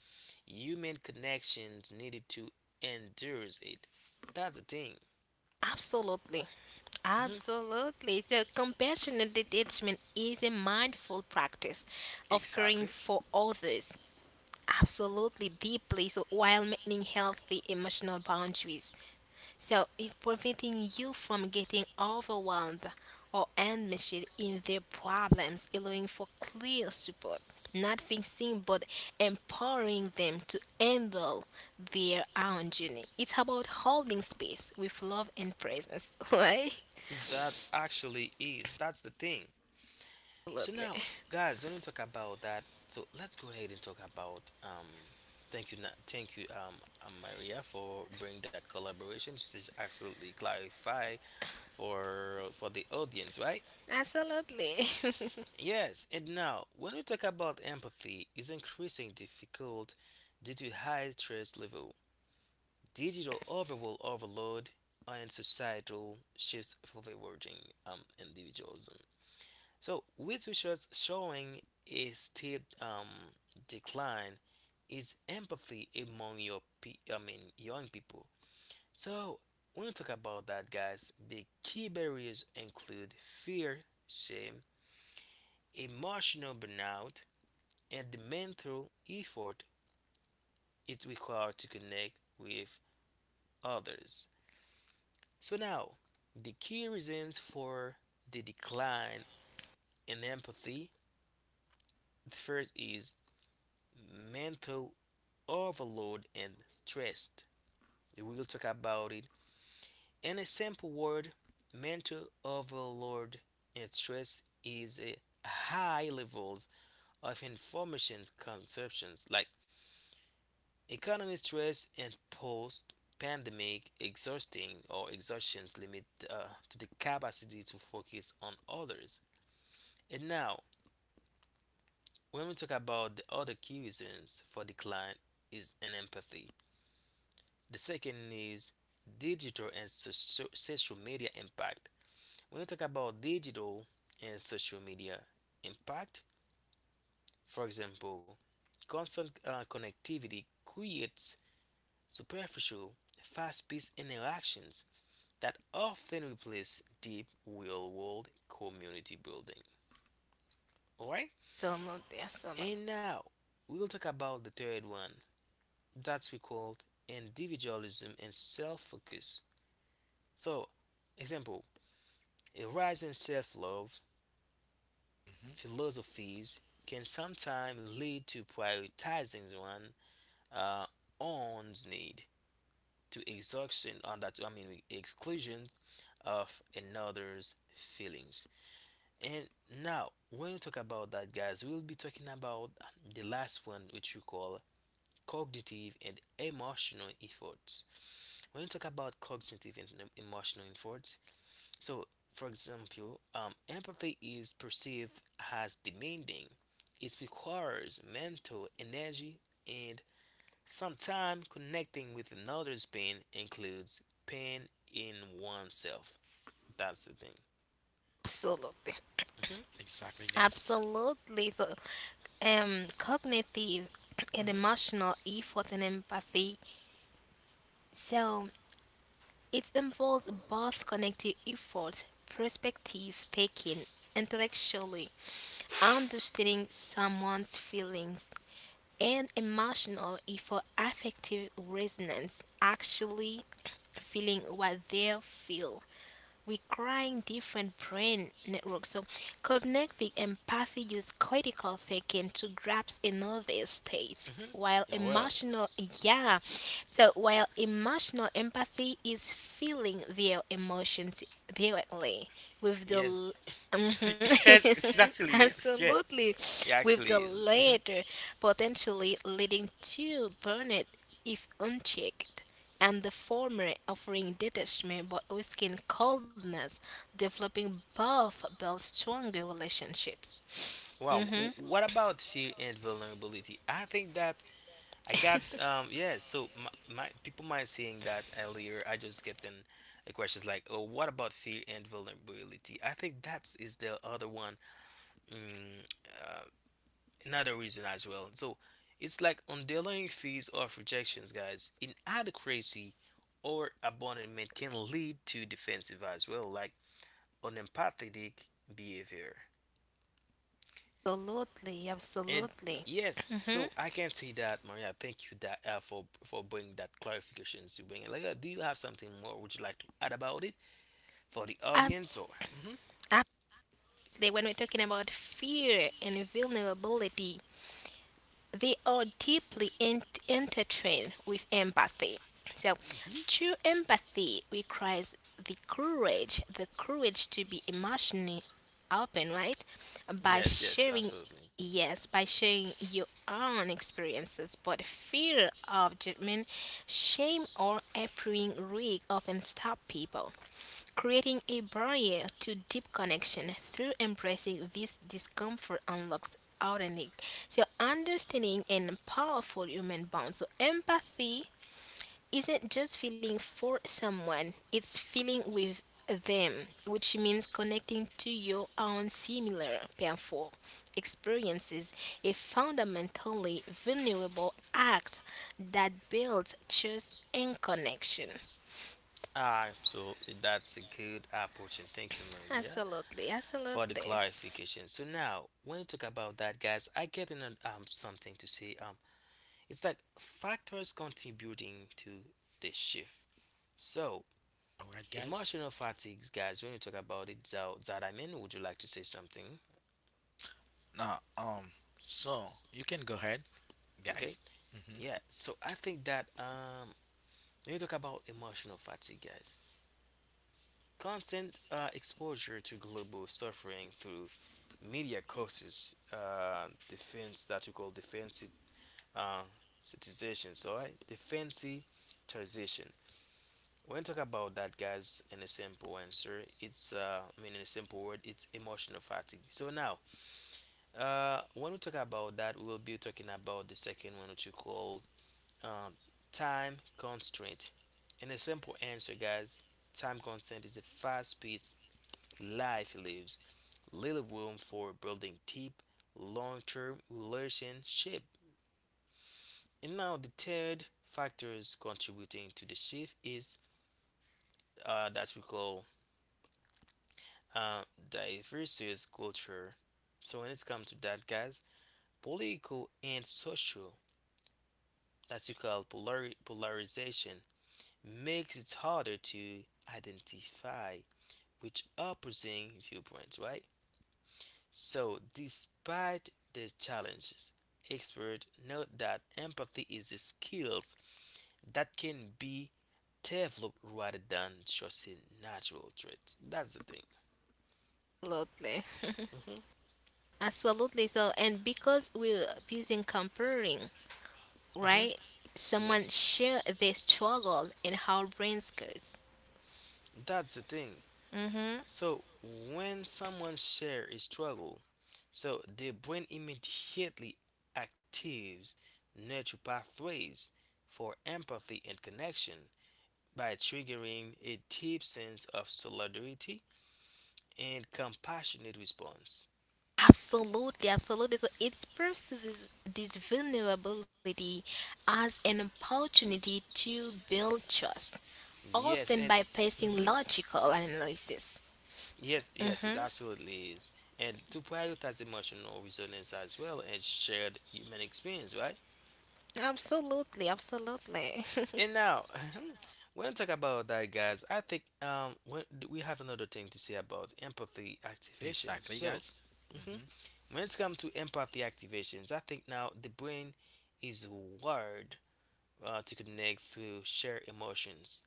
Speaker 1: human connections needed to endure it. That's the thing.
Speaker 2: Absolutely.
Speaker 1: Mhm.
Speaker 2: Absolutely. So compassionate detachment is a mindful practice of caring
Speaker 1: Exactly.
Speaker 2: for others absolutely deeply, so while maintaining healthy emotional boundaries. So it preventing you from getting overwhelmed or enmeshed in their problems, allowing for clear support, not fixing but empowering them to handle their own journey. It's about holding space with love and presence, right?
Speaker 1: That actually is. That's the thing. So
Speaker 2: Absolutely.
Speaker 1: now, guys, when we talk about that, so let's go ahead and talk about Thank you, Maria, for bringing that collaboration. She says absolutely clarify for the audience, right?
Speaker 2: Absolutely.
Speaker 1: Yes, and now when we talk about empathy, is increasing difficult due to high stress level, digital overall overload and societal shifts favoring individualism. So, with research showing a steep decline is empathy among your pe- I mean young people. So, when we talk about that, guys, the key barriers include fear, shame, emotional burnout, and the mental effort it requires to connect with others. So now, the key reasons for the decline in empathy. The first is mental overload and stress. We will talk about it. In a simple word, mental overload and stress is a high levels of information consumptions like economic stress and post pandemic exhausting or exhaustions limit to the capacity to focus on others. And now, when we talk about the other key reasons for decline is an empathy. The second is digital and social media impact. When we talk about digital and social media impact, for example, constant connectivity creates superficial, fast-paced interactions that often replace deep real-world community building. All right,
Speaker 2: Absolutely. Absolutely.
Speaker 1: and now we will talk about the third one that's we called individualism and self-focus. So, example, a rise in self-love
Speaker 3: Hmm.
Speaker 1: philosophies can sometimes lead to prioritizing one uh, own's need to exhaustion on that. I mean, exclusion of another's feelings. And now, when we talk about that, guys, we'll be talking about the last one, which we call cognitive and emotional efforts. When you talk about cognitive and emotional efforts, so for example, empathy is perceived as demanding. It requires mental energy, and sometimes connecting with another's pain includes pain in oneself. That's the thing.
Speaker 2: Absolutely.
Speaker 1: hmm
Speaker 3: Exactly, guys.
Speaker 2: Absolutely. So, cognitive and
Speaker 1: hmm
Speaker 2: emotional effort and empathy. So it involves both connective effort, perspective taking, intellectually understanding someone's feelings, and emotional effort, affective resonance, actually feeling what they feel, requiring different brain networks. So cognitive empathy uses critical thinking to grasp another state.
Speaker 1: hmm
Speaker 2: While
Speaker 1: Well,
Speaker 2: emotional, yeah, so while emotional empathy is feeling their emotions directly with the
Speaker 1: yes, yes, it
Speaker 2: Mhm.
Speaker 1: actually is. Yeah.
Speaker 2: Absolutely.
Speaker 1: Yeah,
Speaker 2: With
Speaker 1: actually
Speaker 2: the
Speaker 1: is.
Speaker 2: latter potentially leading to burnout if unchecked and the former offering detachment but risking coldness, developing both build stronger relationships.
Speaker 1: Wow.
Speaker 2: hmm
Speaker 1: What about fear and vulnerability? I think that I got yeah. So my people might saying that earlier. I just get them the questions like, oh, what about fear and vulnerability? I think that is the other one. Mm, uh, Another reason as well. So it's like underlying fears of rejections, guys. Inadequacy or abandonment can lead to defensive as well, like unempathic behavior.
Speaker 2: Absolutely,
Speaker 1: And
Speaker 2: absolutely.
Speaker 1: yes,
Speaker 2: hmm
Speaker 1: so I can see that, Maria. Thank you that for bringing that clarifications you bring it. Like, do you have something more? Would you like to add about it for the audience?
Speaker 2: Absolutely.
Speaker 1: Or hmm
Speaker 2: When we're talking about fear and vulnerability, they are deeply intertwined with empathy. So
Speaker 1: hmm
Speaker 2: true empathy requires the courage to be emotionally open, right? By
Speaker 1: yes, yes,
Speaker 2: sharing,
Speaker 1: absolutely.
Speaker 2: yes, by sharing your own experiences, but fear of judgment, shame, or appearing weak often stop people, creating a barrier to deep connection. Through embracing this discomfort unlocks authentic, so understanding and powerful human bonds. So empathy isn't just feeling for someone, it's feeling with them, which means connecting to your own similar painful experiences, a fundamentally vulnerable act that builds trust and connection.
Speaker 1: Absolutely, that's a good approach, and thank you, Maria,
Speaker 2: Absolutely,
Speaker 1: for the
Speaker 2: absolutely.
Speaker 1: clarification. So now, when you talk about that, guys, I get in an, something to say. It's like factors contributing to the shift. So
Speaker 3: All right, guys.
Speaker 1: emotional fatigues, guys, when you talk about it, Zao, Zadamin, would you like to say something?
Speaker 3: Now, so you can go ahead,
Speaker 1: Okay.
Speaker 3: guys. Hmm.
Speaker 1: Yeah. So I think that when you talk about emotional fatigue, guys, constant exposure to global suffering through media causes defense that we call defensive uh, citizenship. So right, defensive transition. When you talk about that, guys, in a simple answer, it's in a simple word, it's emotional fatigue. So now, when we talk about that, we will be talking about the second one, which you call um, time constraint. And a simple answer, guys, time constraint is the fast paced life lives, little room for building deep, long term relationship. And now the third factors contributing to the shift is that we call uh, diverse culture. So when it comes to that, guys, political and social that you call polarization makes it harder to identify which opposing viewpoints, right? So, despite these challenges, experts note that empathy is a skill that can be developed rather than just a natural trait. That's the thing.
Speaker 2: Absolutely.
Speaker 1: hmm
Speaker 2: Absolutely. So, and because we're using comparing,
Speaker 1: hmm
Speaker 2: right? Someone
Speaker 1: Yes.
Speaker 2: share their struggle and how brains goes.
Speaker 1: That's the thing.
Speaker 2: Mm-hmm.
Speaker 1: So when someone shares a struggle, so the brain immediately activates neural pathways for empathy and connection by triggering a deep sense of solidarity and compassionate response.
Speaker 2: Absolutely, absolutely. So it's perceives this vulnerability as an opportunity to build trust,
Speaker 1: Yes,
Speaker 2: often
Speaker 1: and
Speaker 2: by placing
Speaker 1: mhm.
Speaker 2: logical analysis.
Speaker 1: Yes, yes, it absolutely is. And to prioritize emotional resonance as well and shared human experience, right?
Speaker 2: Absolutely, absolutely,
Speaker 1: And now, when I talk about that, guys, I think we have another thing to say about empathy activation.
Speaker 3: Exactly,
Speaker 1: So,
Speaker 3: guys.
Speaker 1: mhm,
Speaker 3: Hmm.
Speaker 1: when it's come to empathy activations, I think now the brain is wired to connect through shared emotions,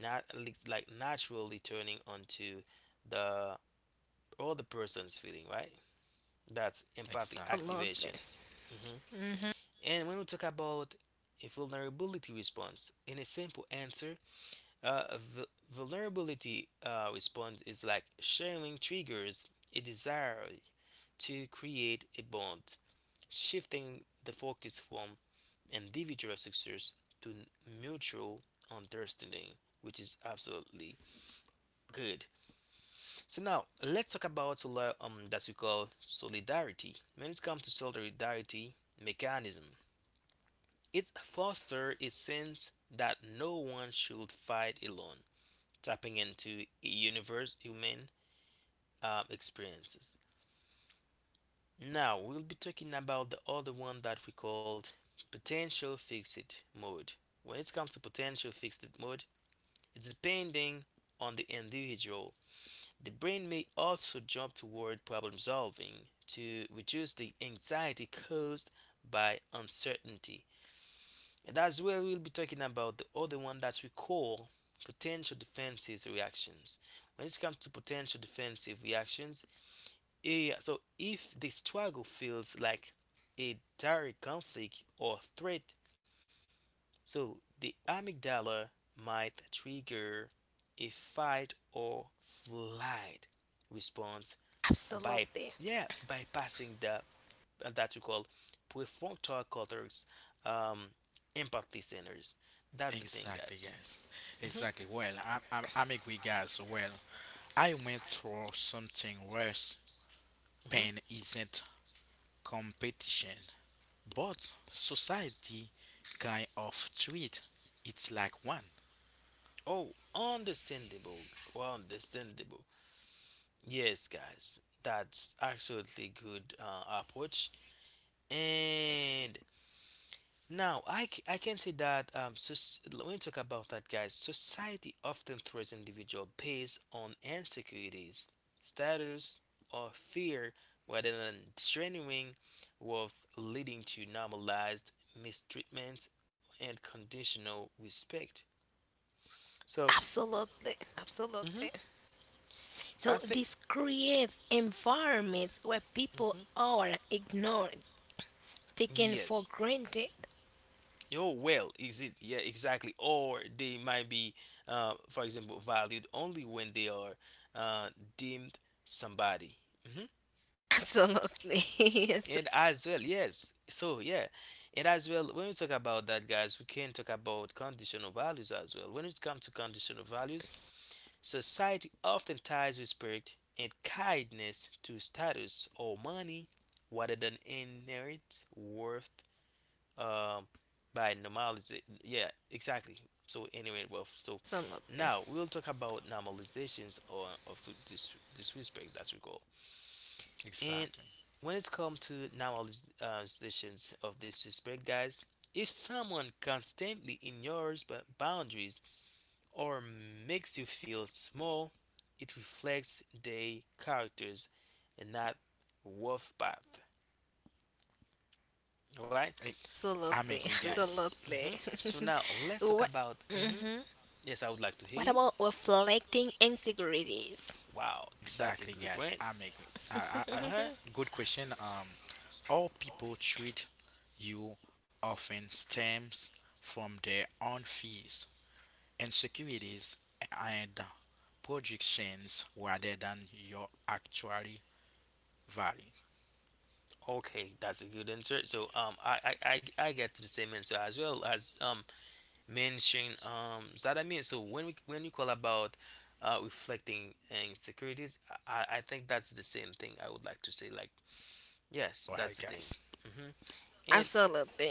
Speaker 1: not least like naturally turning onto the other person's feeling, right? That's empathy
Speaker 3: Exactly.
Speaker 2: absolutely,
Speaker 1: activation. hmm
Speaker 2: hmm
Speaker 1: And when we talk about a vulnerability response, in a simple answer, vulnerability response is like sharing triggers a desire to create a bond, shifting the focus from individual success to mutual understanding, which is absolutely good. So now let's talk about that we call solidarity. When it comes to solidarity mechanism, it fosters a sense that no one should fight alone, tapping into a universe human experiences. Now we'll be talking about the other one that we called potential fixed mode. When it comes to potential fixed mode, it's depending on the individual. The brain may also jump toward problem solving to reduce the anxiety caused by uncertainty. And that's where we'll be talking about the other one that we call potential defensive reactions. When it comes to potential defensive reactions, yeah, so if the struggle feels like a direct conflict or threat, so the amygdala might trigger a fight or flight response by
Speaker 2: absolutely,
Speaker 1: yeah bypassing the that we call prefrontal cortex um, empathy centers. That's the thing,
Speaker 3: Exactly,
Speaker 1: guys.
Speaker 3: guys.
Speaker 1: hmm
Speaker 3: Exactly. Well, I'm agree, guys. Well, I went through something worse.
Speaker 1: hmm
Speaker 3: Pain isn't competition, but society kind of treat it's like one.
Speaker 1: Oh, understandable. Well, understandable. Yes, guys, that's absolutely good approach. And now I can say that so when we talk about that, guys, society often threats individual based on insecurities, status, or fear, rather than genuine worth, leading to normalized mistreatment and conditional respect. So,
Speaker 2: absolutely,
Speaker 1: mhm,
Speaker 2: absolutely.
Speaker 1: I
Speaker 2: So
Speaker 1: think,
Speaker 2: this creates environments where people
Speaker 1: mhm,
Speaker 2: are ignored, taken for
Speaker 1: yes.
Speaker 2: granted.
Speaker 1: Oh, well, is it? Yeah, exactly. Or they might be, for example, valued only when they are uh, deemed somebody. hmm
Speaker 2: Absolutely. Yes.
Speaker 1: And as well, yes. So, yeah. And as well, when we talk about that, guys, we can talk about conditional values as well. When it comes to conditional values, society often ties respect and kindness to status or money rather than inherent worth um by normalization, yeah, exactly. So anyway, well, so
Speaker 2: Absolutely.
Speaker 1: now we'll talk about normalizations or of disrespect that we call. And
Speaker 3: Exactly.
Speaker 1: when it's come to normalizations of disrespect, guys, if someone constantly ignores boundaries or makes you feel small, it reflects their characters and not worth path, right?
Speaker 3: I, I'm agree,
Speaker 2: Absolutely.
Speaker 1: So
Speaker 3: guys.
Speaker 1: mhm.
Speaker 2: Absolutely.
Speaker 1: So now let's talk
Speaker 2: What,
Speaker 1: about mhm,
Speaker 2: hmm
Speaker 1: yes, I would like to hear
Speaker 2: what
Speaker 1: you.
Speaker 2: about reflecting insecurities?
Speaker 1: Wow, that's a
Speaker 3: Exactly,
Speaker 1: good
Speaker 3: guys.
Speaker 1: one.
Speaker 3: I'm agree.
Speaker 1: Uh-huh.
Speaker 3: Good question. All people treat you often stems from their own fears, insecurities, and projections rather than your actual value.
Speaker 1: Okay, that's a good answer. So I get to the same answer as well, as mention that. When you call about reflecting insecurities, I think that's the same thing I would like to say. Like yes, that's
Speaker 3: Right,
Speaker 1: the thing.
Speaker 3: guys.
Speaker 1: Hmm And
Speaker 2: Absolutely.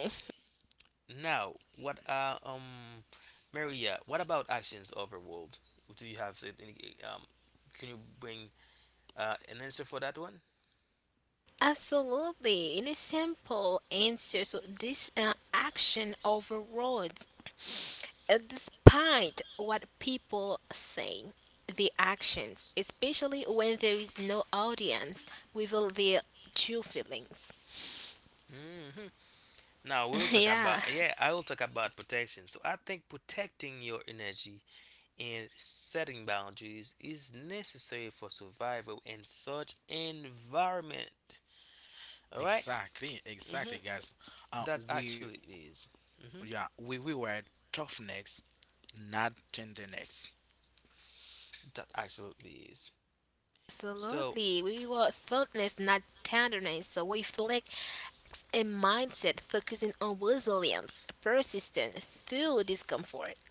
Speaker 1: now what, Maria, what about actions overworld? Do you have said any um can you bring an answer for that one?
Speaker 2: Absolutely. In a simple answer, so this action overrides, despite what people say, the actions, especially when there is no audience, reveal their true feelings.
Speaker 1: Hmm Now we'll talk
Speaker 2: Yeah,
Speaker 1: about, yeah, I will talk about protection. So I think protecting your energy and setting boundaries is necessary for survival in such environment. All right?
Speaker 3: Exactly,
Speaker 1: Mm-hmm.
Speaker 3: exactly, guys. Uh,
Speaker 1: That
Speaker 3: we
Speaker 1: actually is. Mm-hmm.
Speaker 3: yeah, we were tough necks, not tender necks.
Speaker 1: That absolutely is. So
Speaker 2: absolutely. We reward fondness, not tenderness. So we reflect a mindset focusing on resilience, persistence through discomfort.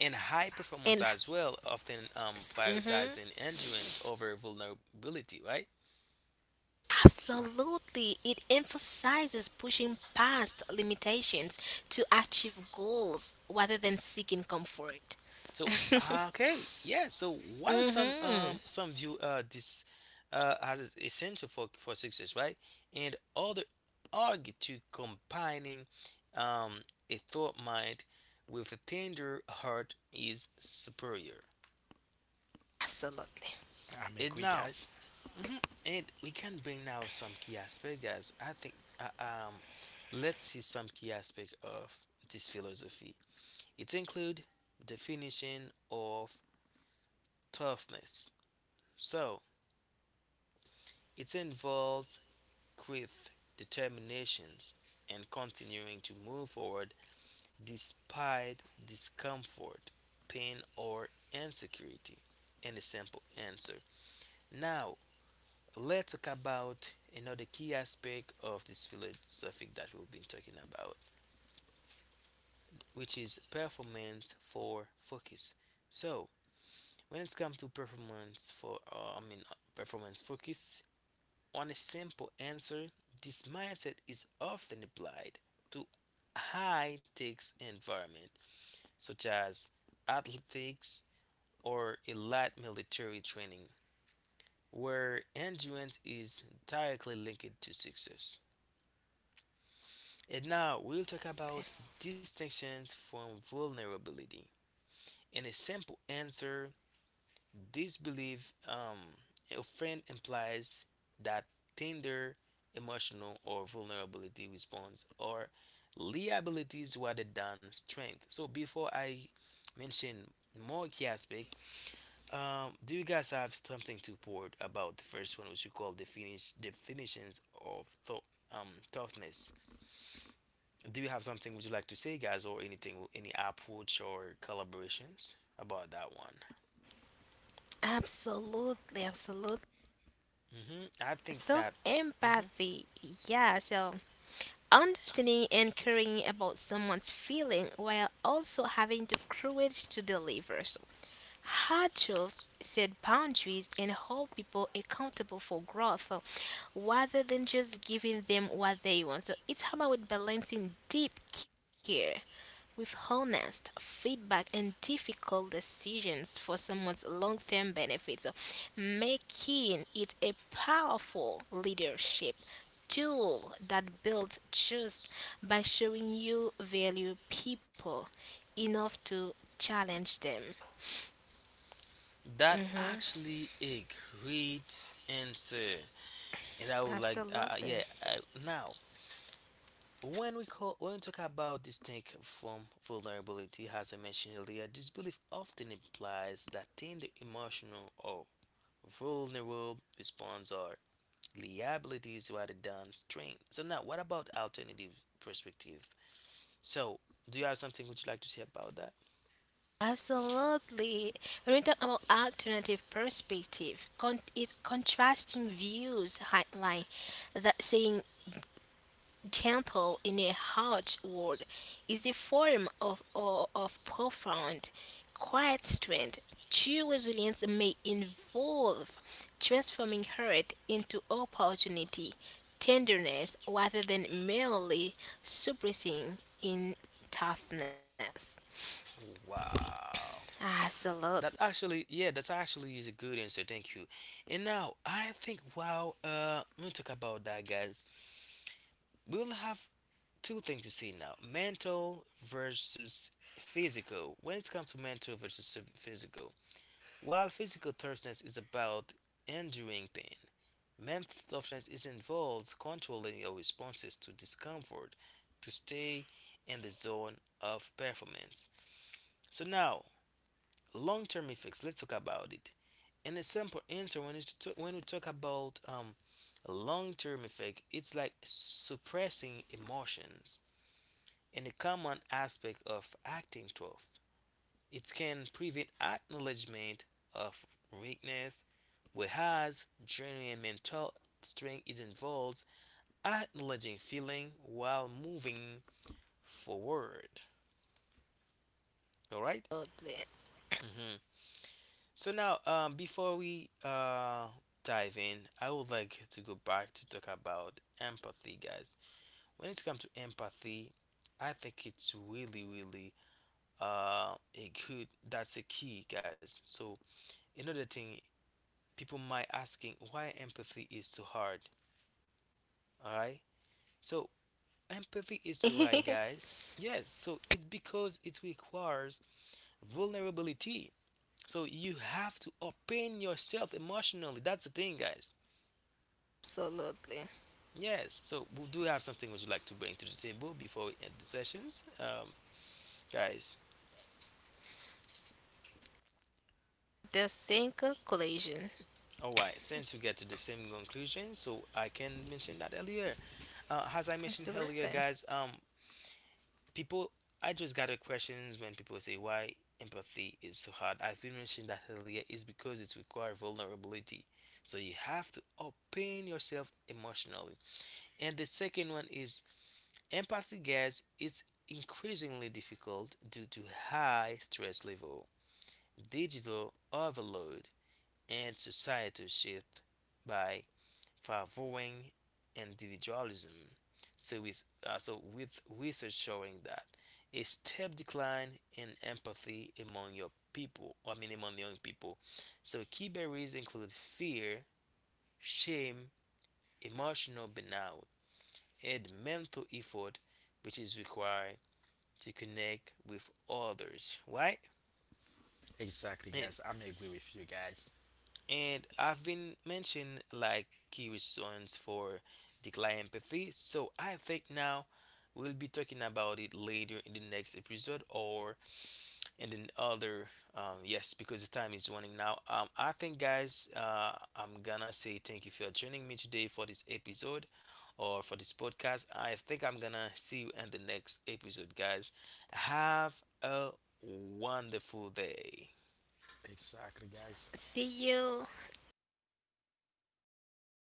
Speaker 1: in high performance
Speaker 2: And
Speaker 1: as well, often
Speaker 2: mhm.
Speaker 1: prioritizing endurance over vulnerability. Right?
Speaker 2: Absolutely. It emphasizes pushing past limitations to achieve goals rather than seeking comfort.
Speaker 1: So okay, yeah. So while some um
Speaker 2: hmm
Speaker 1: some view this as is essential for success, right? And other argue to combining um a thought mind with a tender heart is superior.
Speaker 2: Absolutely.
Speaker 3: I'm
Speaker 1: And
Speaker 3: agree,
Speaker 1: now,
Speaker 3: guys.
Speaker 1: and we can bring now some key aspect, guys. I think let's see some key aspect of this philosophy. It include definition of toughness. So it involves grit, determination, and continuing to move forward despite discomfort, pain, or insecurity. And a simple answer. Now, let's talk about another key aspect of this philosophy that we've been talking about, which is performance for focus. So, when it comes to performance performance focus, on a simple answer, this mindset is often applied to high stakes environment such as athletics or elite military training where endurance is directly linked to success. And now we'll talk about distinctions from vulnerability. And a simple answer, this belief often implies that tender emotional or vulnerability response or liabilities rather than strength. So before I mention more key aspect, do you guys have something to report about the first one, which you call the finish definitions of thought? Toughness. Do you have something would you like to say, guys, or anything, any approach or collaborations about that one?
Speaker 2: Absolutely. Absolutely.
Speaker 1: Hmm I think
Speaker 2: Self
Speaker 1: that. Hmm
Speaker 2: empathy. Yeah. So understanding and caring about someone's feeling while also having the courage to deliver. So hardships set boundaries and hold people accountable for growth, rather than just giving them what they want. So it's about balancing deep care with honest feedback and difficult decisions for someone's long term benefits, so making it a powerful leadership tool that builds trust by showing you value people enough to challenge them.
Speaker 1: That actually a great answer, and I would like,
Speaker 2: Absolutely.
Speaker 1: yeah. Now, when we talk about distinct from vulnerability, as I mentioned earlier, this belief often implies that tender emotional or vulnerable response are liabilities rather than strength. So now, what about alternative perspective? So, do you have something would you like to say about that?
Speaker 2: Absolutely. When we talk about alternative perspective, it's contrasting views highlight that saying gentle in a harsh word is a form of profound, quiet strength. True resilience may involve transforming hurt into opportunity, tenderness, rather than merely suppressing in toughness.
Speaker 1: Wow.
Speaker 2: Absolutely.
Speaker 1: That actually, yeah, that actually is a good answer. Thank you. And now I think, wow, we'll talk about that, guys. We'll have two things to see now: mental versus physical. When it comes to mental versus physical, while physical toughness is about enduring pain, mental toughness is involved controlling your responses to discomfort to stay in the zone of performance. So now long-term effects, let's talk about it. And a simple answer, when we talk about long-term effect, it's like suppressing emotions and a common aspect of acting tough, it can prevent acknowledgement of weakness, whereas genuine mental strength is involves acknowledging feeling while moving forward, all right?
Speaker 2: Absolutely.
Speaker 1: Mm-hmm. So now, before we dive in, I would like to go back to talk about empathy, guys. When it comes to empathy, I think it's really, really a good. That's a key, guys. So another thing, people might asking why empathy is so hard. All right. So empathy is so hard, guys. Yes. So it's because it requires vulnerability. So you have to open yourself emotionally. That's the thing, guys.
Speaker 2: Absolutely.
Speaker 1: Yes, so we do have something would you like to bring to the table before we end the sessions, guys.
Speaker 2: The same conclusion.
Speaker 1: All right, since you get to the same conclusion, so I can mention that earlier. As I mentioned
Speaker 2: Absolutely.
Speaker 1: earlier, guys, people, I just got a questions when people say why empathy is so hard. I've been mentioning that earlier is because it requires vulnerability. So you have to open yourself emotionally. And the second one is empathy, guys, is increasingly difficult due to high stress level, digital overload, and societal shift by favoring individualism. So with research showing that a step decline in empathy among your people, I mean among young people. So key barriers include fear, shame, emotional burnout, and mental effort which is required to connect with others, right?
Speaker 3: Exactly,
Speaker 1: And
Speaker 3: guys. I'm agree with you, guys.
Speaker 1: And I've been mentioned like key reasons for decline empathy. So I think now we'll be talking about it later in the next episode or in another. Yes, because the time is running now. I think, guys, I'm gonna say thank you for joining me today for this episode or for this podcast. I think I'm gonna see you in the next episode, guys. Have a wonderful day.
Speaker 3: Exactly,
Speaker 2: See
Speaker 3: guys.
Speaker 2: you.